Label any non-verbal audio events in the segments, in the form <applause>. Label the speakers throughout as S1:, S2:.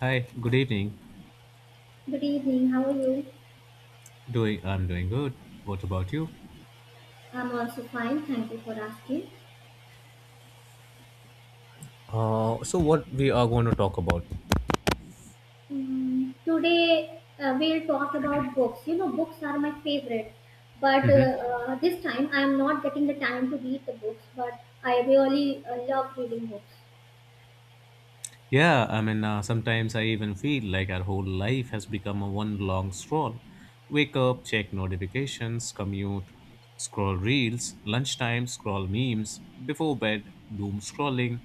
S1: Hi, good evening.
S2: Good evening. How are you?
S1: I'm doing good. What about you?
S2: I'm also fine. Thank you for asking.
S1: So what we are going to talk about?
S2: Today we'll talk about books. You know, books are my favorite, but
S1: Hmm.
S2: this time I'm not getting the time to read the books. But I really love reading books.
S1: Yeah, I mean, sometimes I even feel like our whole life has become a one long scroll. Wake up, check notifications, commute, scroll reels, lunchtime, scroll memes, before bed, doom scrolling.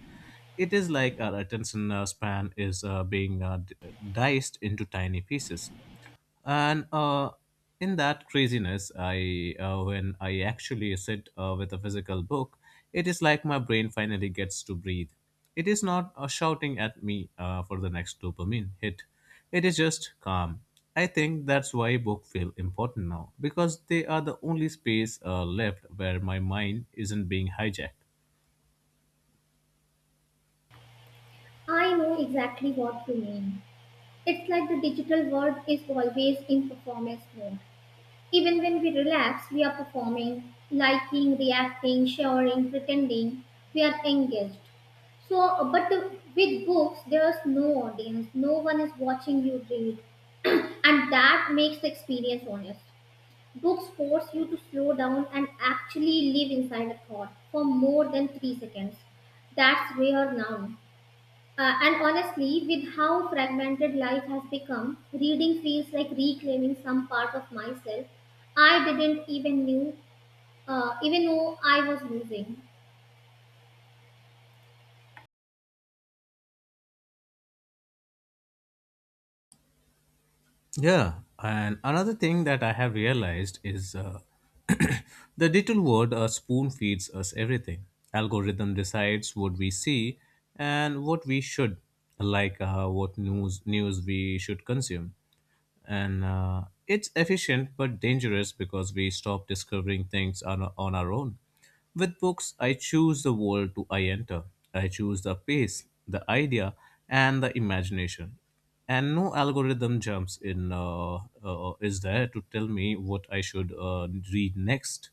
S1: It is like our attention span is being diced into tiny pieces. And In that craziness I when I actually sit with a physical book, it is like my brain finally gets to breathe. It is not shouting at me for the next dopamine hit. It is just calm. I think that's why books feel important now, because they are the only space left where my mind isn't being hijacked.
S2: I know exactly what you mean. It's like the digital world is always in performance mode. Even when we relax, we are performing, liking, reacting, sharing, pretending. We are engaged. So, but with books, there's no audience, no one is watching you read, and that makes the experience honest. Books force you to slow down and actually live inside a thought for more than 3 seconds. That's rare now. And honestly, with how fragmented life has become, reading feels like reclaiming some part of myself I didn't even know I was losing.
S1: Yeah, and another thing that I have realized is <clears throat> the little world spoon feeds us everything. Algorithm decides what we see and what we should, like what news we should consume, and it's efficient but dangerous because we stop discovering things on our own. With books, I choose the world to I enter. I choose the pace, the idea, and the imagination. And no algorithm jumps in is there to tell me what I should read next.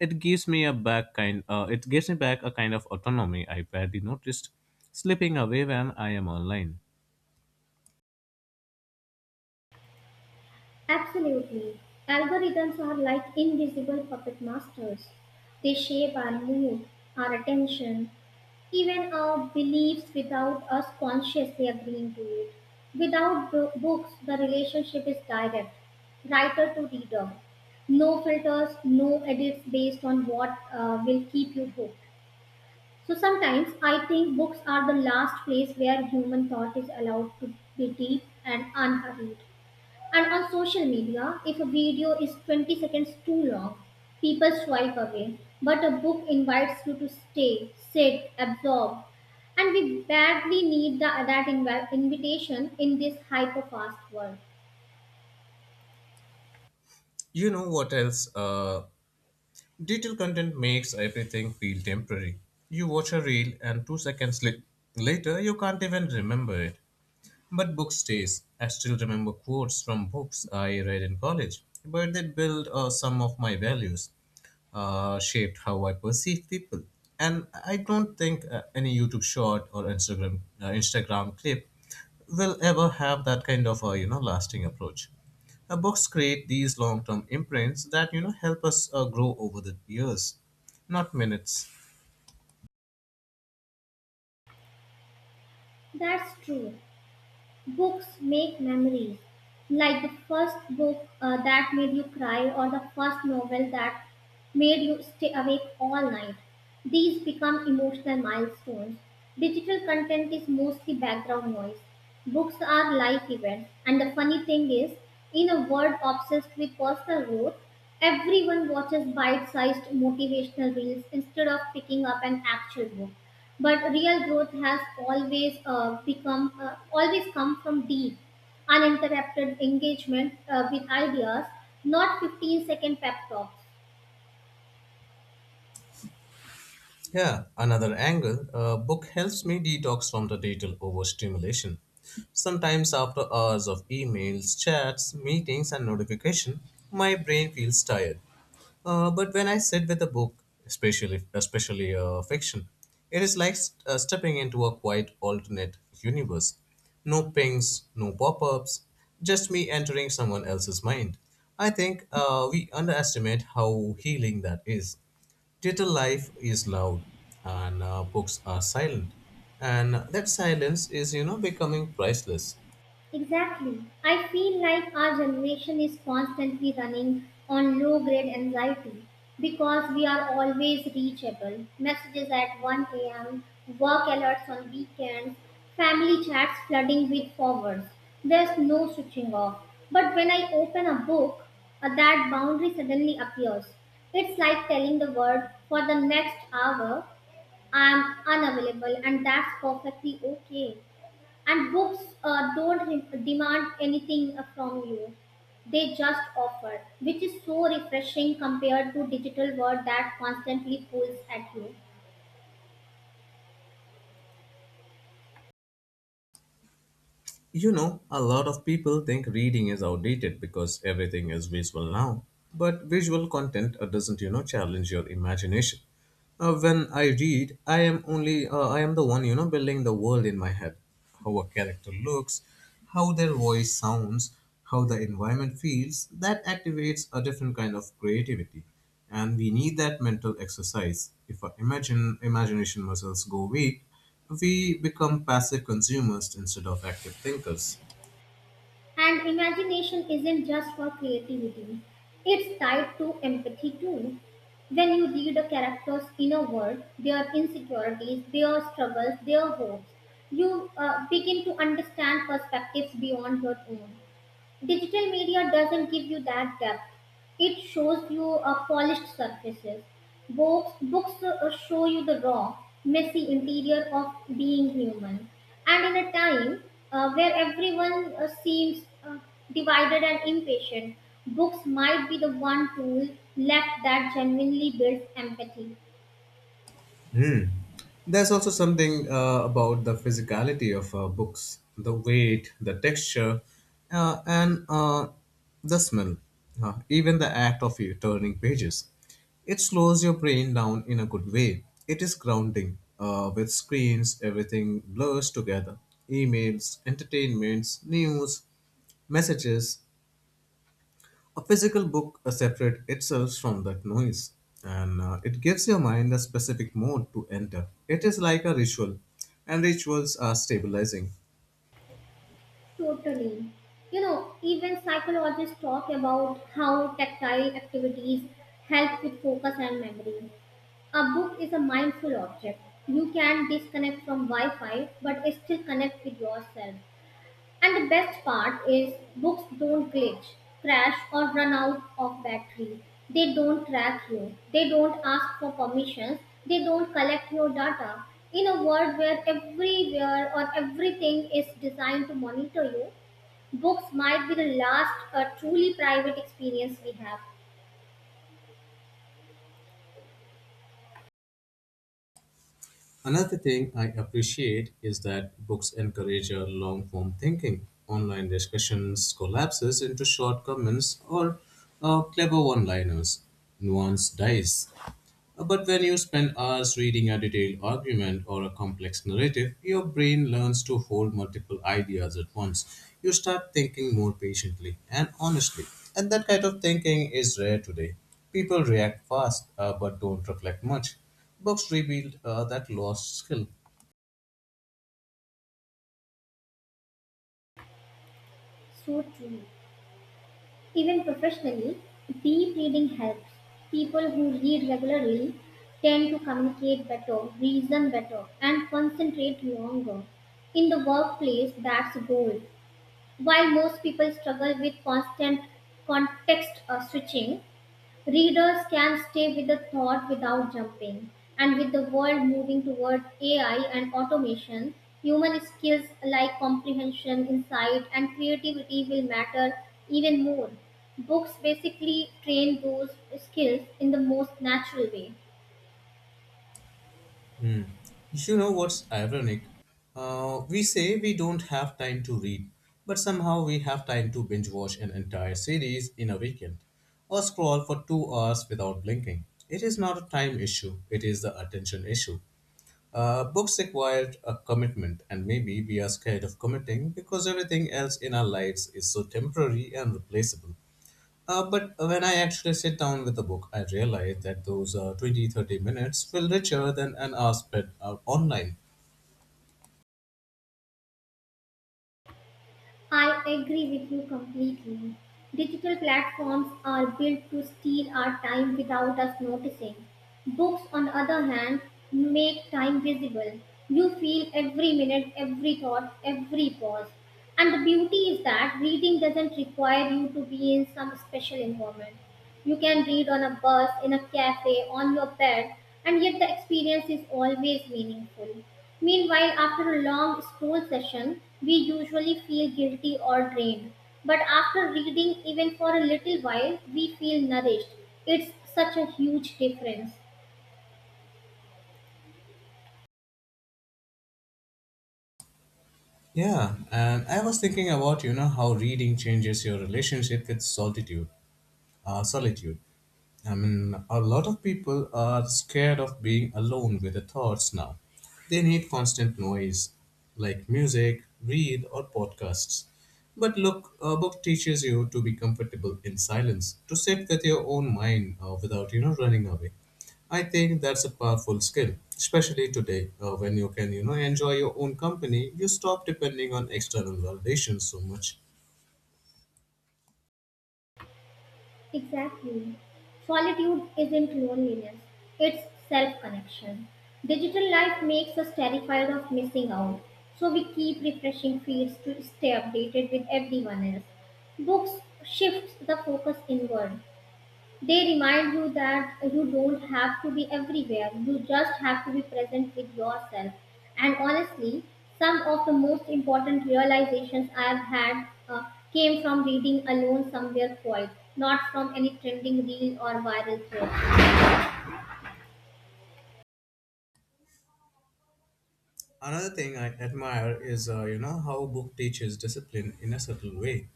S1: It gives me a back kind. It gives me back a kind of autonomy I barely noticed, slipping away when I am online.
S2: Absolutely. Algorithms are like invisible puppet masters. They shape our mood, our attention, even our beliefs without us consciously agreeing to it. Without bo- books, the relationship is direct, writer to reader. No filters, no edits based on what will keep you hooked. So sometimes I think books are the last place where human thought is allowed to be deep and unhurried. And on social media, if a video is 20 seconds too long, people swipe away. But a book invites you to stay, sit, absorb. And we badly need that invitation in this hyper fast world.
S1: You know what else? Digital content makes everything feel temporary. You watch a reel, and 2 seconds later, you can't even remember it. But book stays. I still remember quotes from books I read in college, but they built some of my values, shaped how I perceive people. And I don't think any YouTube short or Instagram clip will ever have that kind of a, you know, lasting approach. Books create these long-term imprints that, you know, help us grow over the years, not minutes.
S2: That's true. Books make memories. Like the first book that made you cry, or the first novel that made you stay awake all night. These become emotional milestones. Digital content is mostly background noise. Books are life events. And the funny thing is, in a world obsessed with personal growth, everyone watches bite sized motivational reels instead of picking up an actual book. But real growth has always come from deep, uninterrupted engagement with ideas, not 15-second pep talks.
S1: Yeah, another angle. A book helps me detox from the digital overstimulation. Sometimes, after hours of emails, chats, meetings, and notification, my brain feels tired. But when I sit with a book, especially fiction, it is like stepping into a quiet alternate universe. No pings, no pop-ups, just me entering someone else's mind. I think we underestimate how healing that is. Digital life is loud, and books are silent. And that silence is, you know, becoming priceless.
S2: Exactly. I feel like our generation is constantly running on low grade anxiety because we are always reachable. Messages at 1 a.m., work alerts on weekends, family chats flooding with forwards. There's no switching off. But when I open a book, that boundary suddenly appears. It's like telling the world for the next hour, I'm unavailable, and that's perfectly okay. And books don't demand anything from you, they just offer, which is so refreshing compared to digital world that constantly pulls at you.
S1: You know, a lot of people think reading is outdated because everything is visual now. But visual content doesn't, you know, challenge your imagination. When I read, I am the one, you know, building the world in my head. How a character looks, how their voice sounds, how the environment feels. That activates a different kind of creativity, and we need that mental exercise. If our imagine imagination muscles go weak, we become passive consumers instead of active thinkers.
S2: And imagination isn't just for creativity, it's tied to empathy too. When you read a character's inner world, their insecurities, their struggles, their hopes, you begin to understand perspectives beyond your own. Digital media doesn't give you that depth. It shows you polished surfaces. Books show you the raw, messy interior of being human. And in a time where everyone seems divided and impatient, books might be the one tool left that genuinely builds empathy.
S1: Hmm. There's also something about the physicality of books, the weight, the texture, and the smell, even the act of you turning pages. It slows your brain down in a good way. It is grounding. With screens, everything blurs together: emails, entertainments, news, messages. A physical book separates itself from that noise, and it gives your mind a specific mode to enter. It is like a ritual, and rituals are stabilizing.
S2: Totally. You know, even psychologists talk about how tactile activities help with focus and memory. A book is a mindful object. You can disconnect from Wi Fi but still connect with yourself. And the best part is books don't glitch, crash, or run out of battery. They don't track you, they don't ask for permissions, they don't collect your data. In a world where everywhere or everything is designed to monitor you, books might be the last truly private experience we have.
S1: Another thing I appreciate is that books encourage a long form thinking. Online discussions collapses into short comments or clever one liners. Nuance dies. But when you spend hours reading a detailed argument or a complex narrative, your brain learns to hold multiple ideas at once. You start thinking more patiently and honestly. And that kind of thinking is rare today. People react fast but don't reflect much. Books revealed that lost skill.
S2: So true. Even professionally, deep reading helps. People who read regularly tend to communicate better, reason better, and concentrate longer. In the workplace, that's gold. While most people struggle with constant context switching, readers can stay with the thought without jumping. And with the world moving toward AI and automation, human skills like comprehension, insight, and creativity will matter even more. Books basically train those skills in the most natural way.
S1: Hmm. You know what's ironic? We say we don't have time to read, but somehow we have time to binge watch an entire series in a weekend or scroll for 2 hours without blinking. It is not a time issue, it is the attention issue. Books require a commitment, and maybe we are scared of committing because everything else in our lives is so temporary and replaceable. But when I actually sit down with a book, I realize that those 20 30 minutes feel richer than an hour spent online.
S2: I agree with you completely. Digital platforms are built to steal our time without us noticing. Books, on the other hand, make time visible. You feel every minute, every thought, every pause. And the beauty is that reading doesn't require you to be in some special environment. You can read on a bus, in a cafe, on your bed, and yet the experience is always meaningful. Meanwhile, after a long school session, we usually feel guilty or drained. But after reading, even for a little while, we feel nourished. It's such a huge difference.
S1: Yeah, and I was thinking about, you know, how reading changes your relationship with solitude. Uh, solitude. I mean, a lot of people are scared of being alone with their thoughts now. They need constant noise, like music, read, or podcasts. But look, a book teaches you to be comfortable in silence, to sit with your own mind without, you know, running away. I think that's a powerful skill, especially today when you can, you know, enjoy your own company. You stop depending on external validation so much.
S2: Exactly. Solitude isn't loneliness, it's self connection. Digital life makes us terrified of missing out, so we keep refreshing feeds to stay updated with everyone else. Books shifts the focus inward, they remind you that you don't have to be everywhere, you just have to be present with yourself. And honestly, some of the most important realizations I've had came from reading alone somewhere quiet, not from any trending reel or viral thread.
S1: Another thing I admire is, you know, how a book teaches discipline in a subtle way.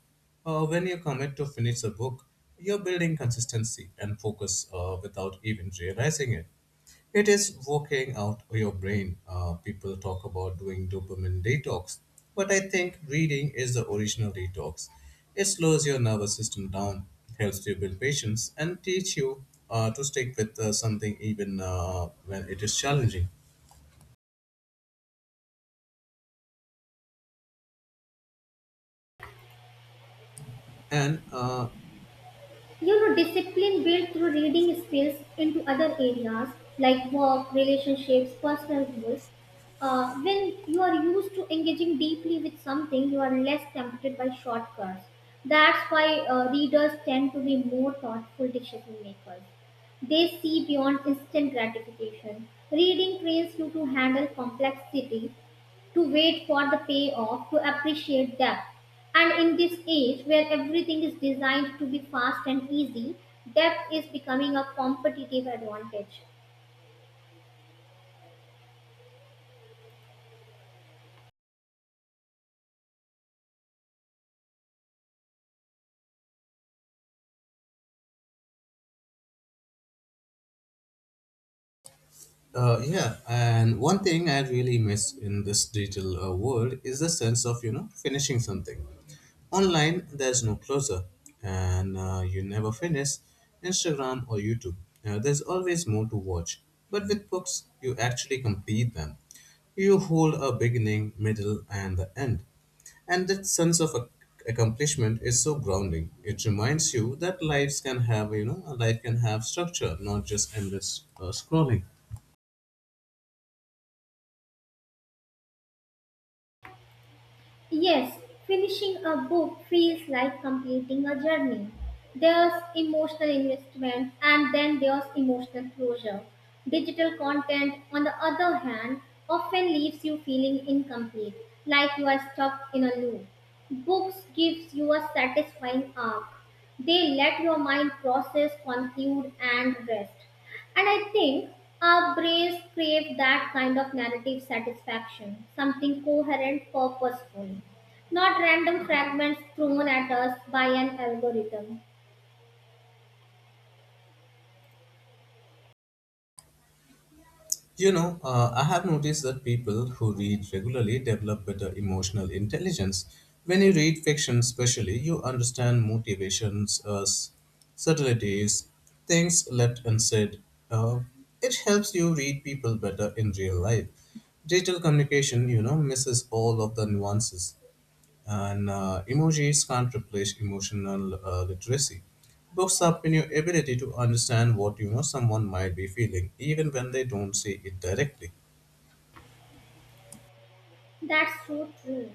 S1: When you commit to finish a book, you're building consistency and focus without even realizing it. It is working out your brain. People talk about doing dopamine detox, but I think reading is the original detox. It slows your nervous system down, helps you build patience, and teach you to stick with something even when it is challenging. And
S2: You know, discipline built through reading spills into other areas like work relationships personal goals. When you are used to engaging deeply with something you are less tempted by shortcuts. That's why readers tend to be more thoughtful decision makers. They see beyond instant gratification. Reading trains you to handle complexity, to wait for the payoff, to appreciate depth. And in this age where everything is designed to be fast and easy, depth is becoming a competitive advantage.
S1: Yeah, and one thing I really miss in this digital world is the sense of, you know, finishing something. Online, there's no closer, and you never finish Instagram or YouTube. There's always more to watch, but with books, you actually complete them. You hold a beginning, middle, and the end, and that sense of accomplishment is so grounding. It reminds you that lives can have, you know, a life can have structure, not just endless scrolling.
S2: Yes, finishing a book feels like completing a journey. There's emotional investment and then there's emotional closure. Digital content, on the other hand, often leaves you feeling incomplete, like you are stuck in a loop. Books gives you a satisfying arc. They let your mind process, conclude, and rest. And I think our brains crave that kind of narrative satisfaction, something coherent, purposeful, not random fragments thrown at us by an algorithm.
S1: You know, I have noticed that people who read regularly develop better emotional intelligence. When you read fiction, especially, you understand motivations, subtleties, things left unsaid. Uh, it helps you read people better in real life. Digital communication, you know, misses all of the nuances. And emojis can't replace emotional literacy. Books sharpen your ability to understand what, you know, someone might be feeling, even when they don't say it directly.
S2: That's so true.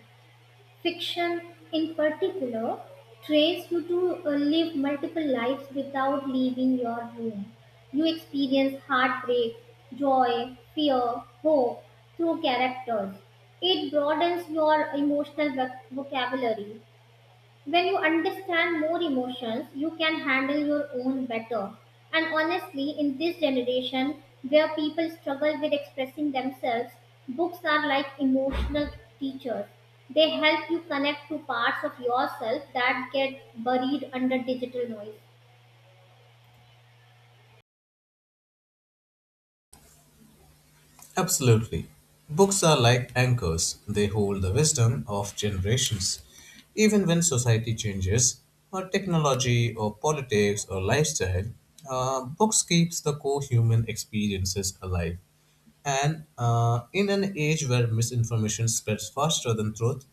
S2: Fiction, in particular, trains you to live multiple lives without leaving your room. You experience heartbreak, joy, fear, hope through characters. It broadens your emotional vocabulary. When you understand more emotions, you can handle your own better. And honestly, in this generation where people struggle with expressing themselves, books are like emotional teachers. They help you connect to parts of yourself that get buried under digital noise.
S1: Absolutely. Books are like anchors, they hold the wisdom of generations. Even when society changes, or technology, or politics, or lifestyle, books keeps the core human experiences alive. And in an age where misinformation spreads faster than truth,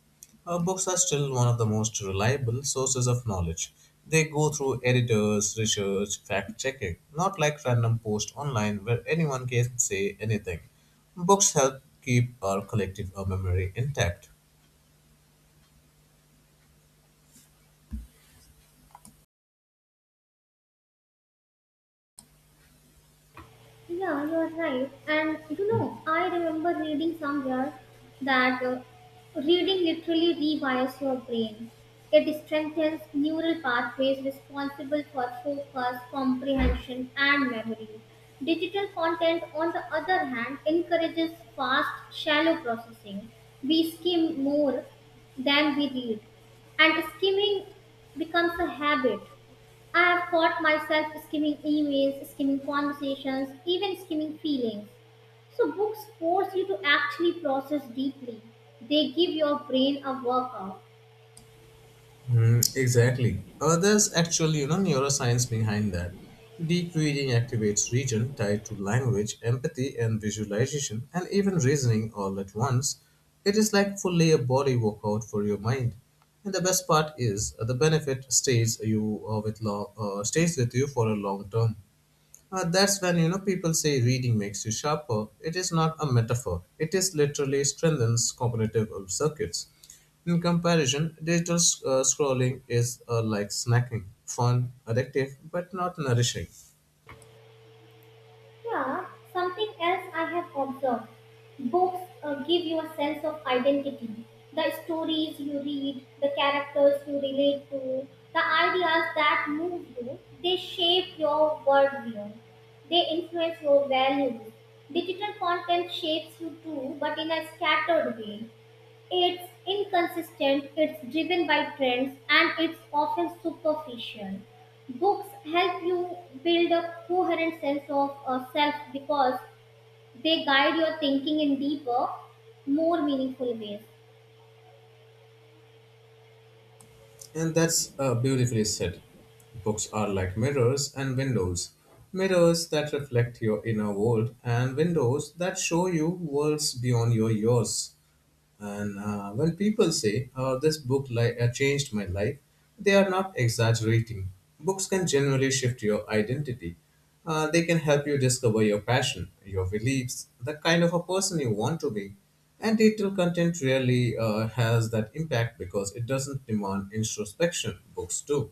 S1: books are still one of the most reliable sources of knowledge. They go through editors, research, fact checking, not like random posts online where anyone can say anything. Books help keep our collective memory intact.
S2: Yeah, you are right. And you know, I remember reading somewhere that reading literally rewires your brain. It strengthens neural pathways responsible for focus, comprehension, and memory. Digital content, on the other hand, encourages fast, shallow processing. We skim more than we read, and skimming becomes a habit. I've caught myself skimming emails, skimming conversations, even skimming feelings. So, books force you to actually process deeply. They give your brain a workout.
S1: Mm, exactly. There's actually, you know, neuroscience behind that. Deep reading activates region tied to language, empathy, and visualization, and even reasoning all at once. It is like fully a body workout for your mind. And the best part is the benefit stays with you for a long term. That's when, you know, people say reading makes you sharper. It is not a metaphor. It is literally strengthens cognitive circuits. In comparison, digital scrolling is like snacking, fun, addictive, but not nourishing.
S2: Yeah, something else I have observed. Books give you a sense of identity. The stories you read, the characters you relate to, the ideas that move you, they shape your worldview. They influence your values. Digital content shapes you too, but in a scattered way. It's inconsistent, it's driven by trends, and it's often superficial. Books help you build a coherent sense of self because they guide your thinking in deeper, more meaningful ways.
S1: And that's beautifully said. Books are like mirrors and windows. Mirrors that reflect your inner world and windows that show you worlds beyond your yours. And when people say, oh, this book changed my life, they are not exaggerating. Books can generally shift your identity. They can help you discover your passion, your beliefs, the kind of a person you want to be. And digital content really has that impact because it doesn't demand introspection. Books do.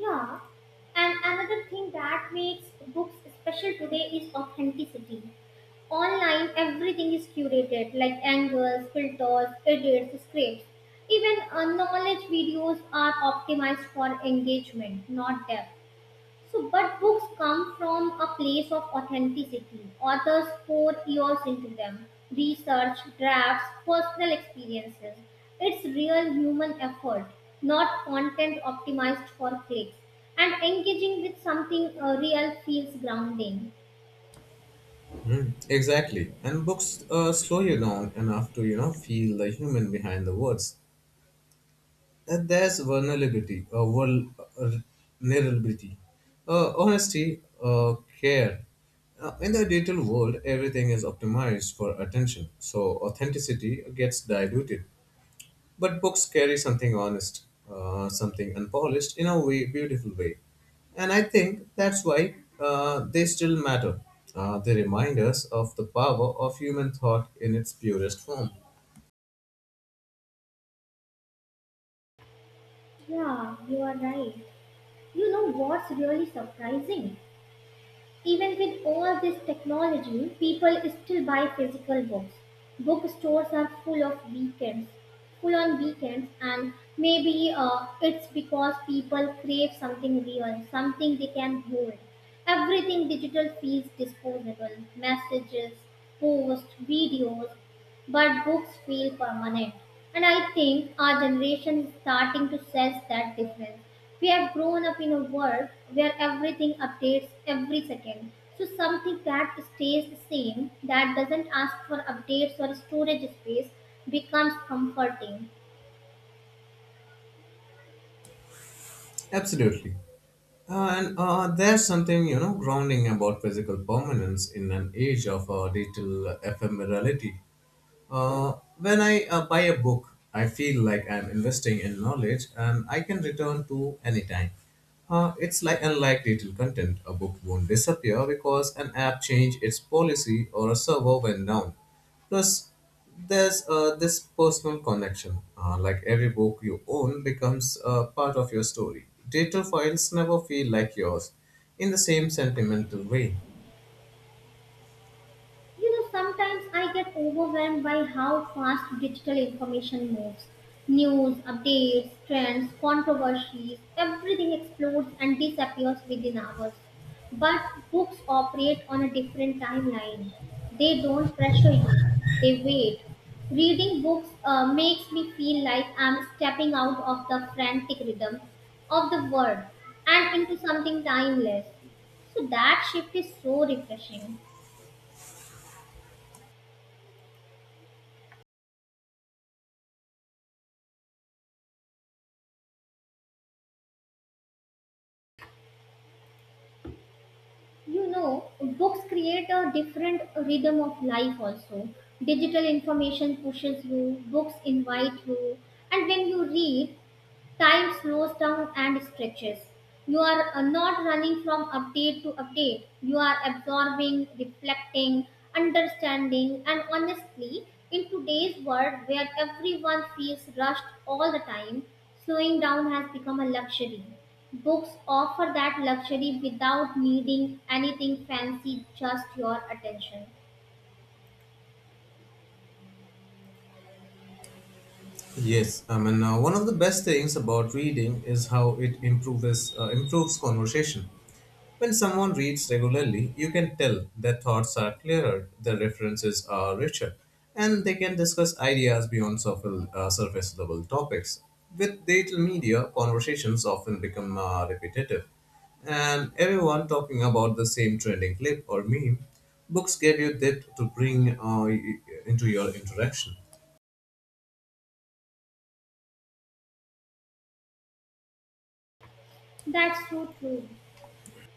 S2: Yeah, and another thing that makes books special today is authenticity. Online, everything is curated like angles, filters, edits, scripts, even knowledge videos are optimized for engagement not depth. So but books come from a place of authenticity. Authors pour years into them, research, drafts, personal experiences. It's real human effort, not content optimized for clicks. And engaging with something real feels grounding.
S1: Mm, exactly. And books slow you down enough to, you know, feel the human behind the words. And there's uh, vulnerability, honesty, care. In the digital world, everything is optimized for attention, so authenticity gets diluted. But books carry something honest, something unpolished in a way, beautiful way. And I think that's why they still matter. They remind us of the power of human thought in its purest form.
S2: Yeah, you are right. You know what's really surprising? Even with all this technology, people still buy physical books. Bookstores are full of weekends, full on weekends, and maybe it's because people crave something real, something they can hold. Everything digital feels disposable, messages, posts, videos, but books feel permanent. And I think our generation is starting to sense that difference. We have grown up in a world where everything updates every second. So something that stays the same, that doesn't ask for updates or storage space, becomes comforting.
S1: Absolutely. And There's something, you know, grounding about physical permanence in an age of digital ephemerality. When I buy a book, I feel like I'm investing in knowledge and I can return to anytime. It's like unlike digital content, a book won't disappear because an app changed its policy or a server went down. Plus, there's this personal connection. Like every book you own becomes part of your story. Digital files never feel like yours in the same sentimental way.
S2: You know, sometimes I get overwhelmed by how fast digital information moves. News, updates, trends, controversies, everything explodes and disappears within hours. But books operate on a different timeline. They don't pressure you, they wait. Reading books makes me feel like I'm stepping out of the frantic rhythm of the world and into something timeless. So that shift is so refreshing. You know, books create a different rhythm of life also. Digital information pushes you, books invite you. And when you read, time slows down and stretches. You are not running from update to update. You are absorbing, reflecting, understanding, and honestly, in today's world where everyone feels rushed all the time, slowing down has become a luxury. Books offer that luxury without needing anything fancy, just your attention.
S1: Yes, I mean one of the best things about reading is how it improves conversation. When someone reads regularly, you can tell their thoughts are clearer, their references are richer, and they can discuss ideas beyond surface level topics. With digital media, conversations often become repetitive, and everyone talking about the same trending clip or meme. Books give you depth to bring into your interaction.
S2: That's so true.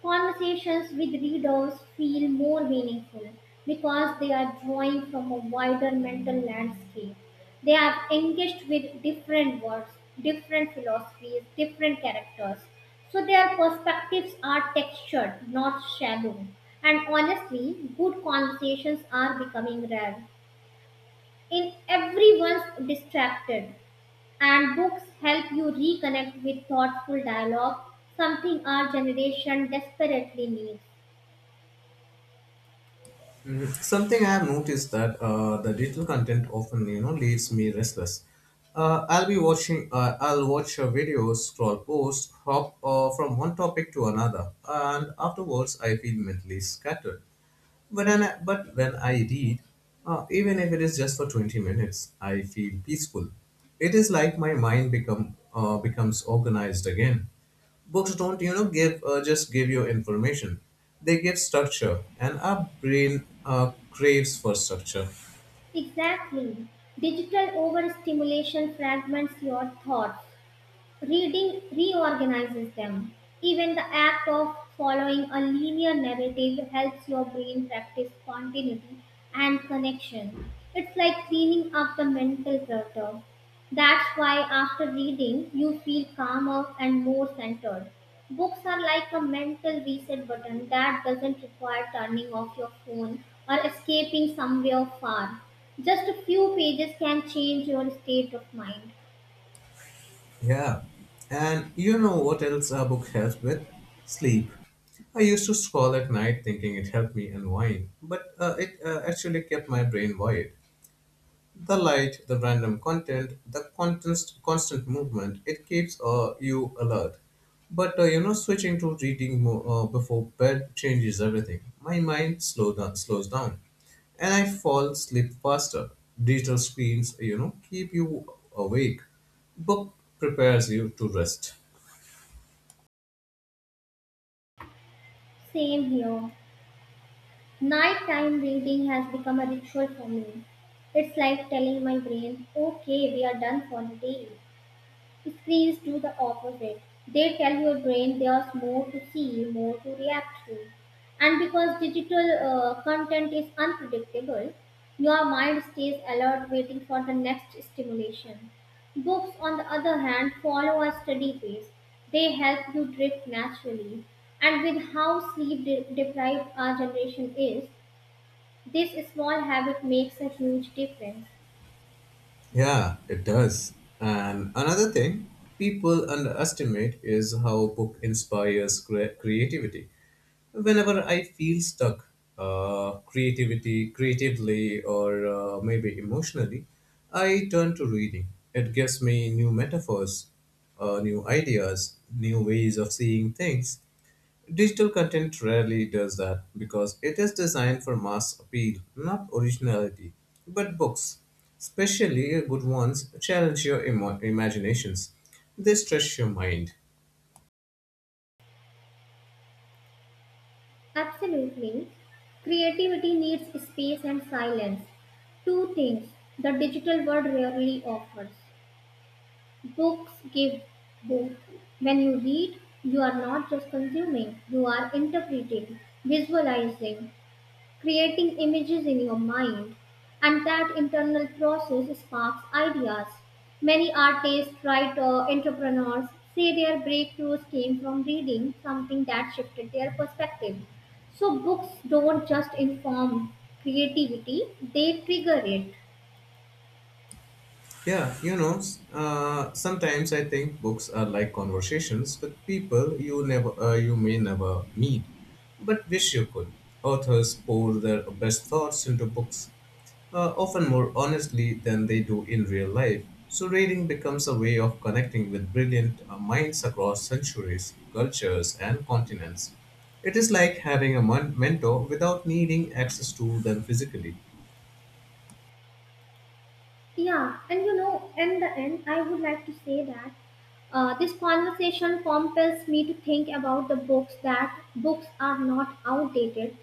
S2: Conversations with readers feel more meaningful because they are drawing from a wider mental landscape. They are engaged with different words, different philosophies, different characters. So their perspectives are textured, not shallow. And honestly, good conversations are becoming rare. In everyone's distracted, and books help you reconnect with thoughtful dialogue, something our generation desperately needs.
S1: Something I have noticed that the digital content often, you know, leaves me restless. I'll be watching. I'll watch a video, scroll post, hop from one topic to another, and afterwards I feel mentally scattered. But when I read, even if it is just for 20 minutes, I feel peaceful. It is like my mind becomes organized again. Books don't, you know, give just give you information. They give structure, and our brain craves for structure.
S2: Exactly. Digital overstimulation fragments your thoughts. Reading reorganizes them. Even the act of following a linear narrative helps your brain practice continuity and connection. It's like cleaning up the mental clutter. That's why after reading, you feel calmer and more centered. Books are like a mental reset button that doesn't require turning off your phone or escaping somewhere far. Just a few pages can change your state of mind.
S1: Yeah, and you know what else a book helps with? Sleep. I used to scroll at night thinking it helped me unwind, but it actually kept my brain void. The light, the random content, the constant movement, it keeps you alert. But you know, switching to reading before bed changes everything. My mind slows down, and I fall asleep faster. Digital screens, you know, keep you awake. Book prepares you to rest.
S2: Same here. Nighttime reading has become a ritual for me. It's like telling my brain, okay, we are done for the day. Screens do the opposite. They tell your brain there's more to see, more to react to. And because digital content is unpredictable, your mind stays alert waiting for the next stimulation. Books, on the other hand, follow a steady pace. They help you drift naturally. And with how deprived our generation is, this small habit makes a huge difference.
S1: Yeah, it does. And another thing people underestimate is how book inspires creativity. Whenever I feel stuck, creatively or maybe emotionally, I turn to reading. It gives me new metaphors, new ideas, new ways of seeing things. Digital content rarely does that because it is designed for mass appeal, not originality. But books, especially good ones, challenge your imaginations. They stretch your mind.
S2: Absolutely. Creativity needs space and silence. Two things the digital world rarely offers. Books give both. When you read, you are not just consuming, you are interpreting, visualizing, creating images in your mind, and that internal process sparks ideas. Many artists, writers, entrepreneurs say their breakthroughs came from reading something that shifted their perspective. So, books don't just inform creativity, they trigger it.
S1: Yeah, you know, sometimes I think books are like conversations with people you never, you may never meet, but wish you could. Authors pour their best thoughts into books, often more honestly than they do in real life. So reading becomes a way of connecting with brilliant minds across centuries, cultures, and continents. It is like having a mentor without needing access to them physically.
S2: Yeah, and you know, in the end, I would like to say that this conversation compels me to think about the books that books are not outdated.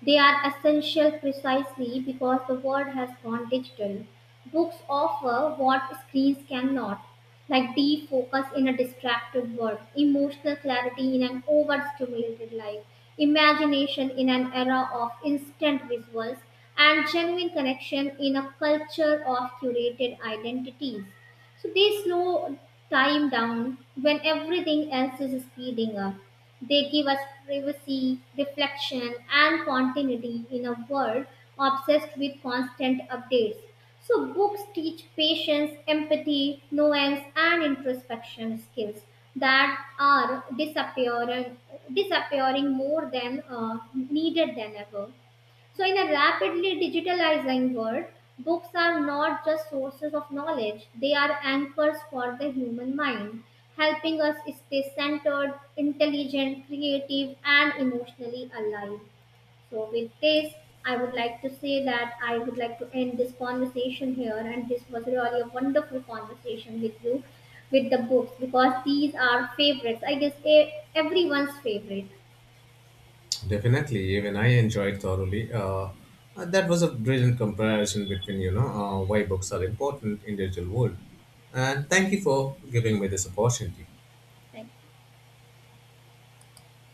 S2: They are essential precisely because the world has gone digital. Books offer what screens cannot, like deep focus in a distracted world, emotional clarity in an overstimulated life, imagination in an era of instant visuals, and genuine connection in a culture of curated identities. So they slow time down when everything else is speeding up. They give us privacy, reflection, and continuity in a world obsessed with constant updates. So, books teach patience, empathy, nuance, and introspection skills that are disappearing, disappearing more than needed than ever. So, in a rapidly digitalizing world, books are not just sources of knowledge, they are anchors for the human mind, helping us stay centered, intelligent, creative, and emotionally alive. So, with this, I would like to say that I would like to end this conversation here, and this was really a wonderful conversation with you with the books because these are favorites. I guess everyone's favorite.
S1: Definitely, even I enjoyed thoroughly. That was a brilliant comparison between, you know, why books are important in digital world, and thank you for giving me this opportunity.
S2: Thank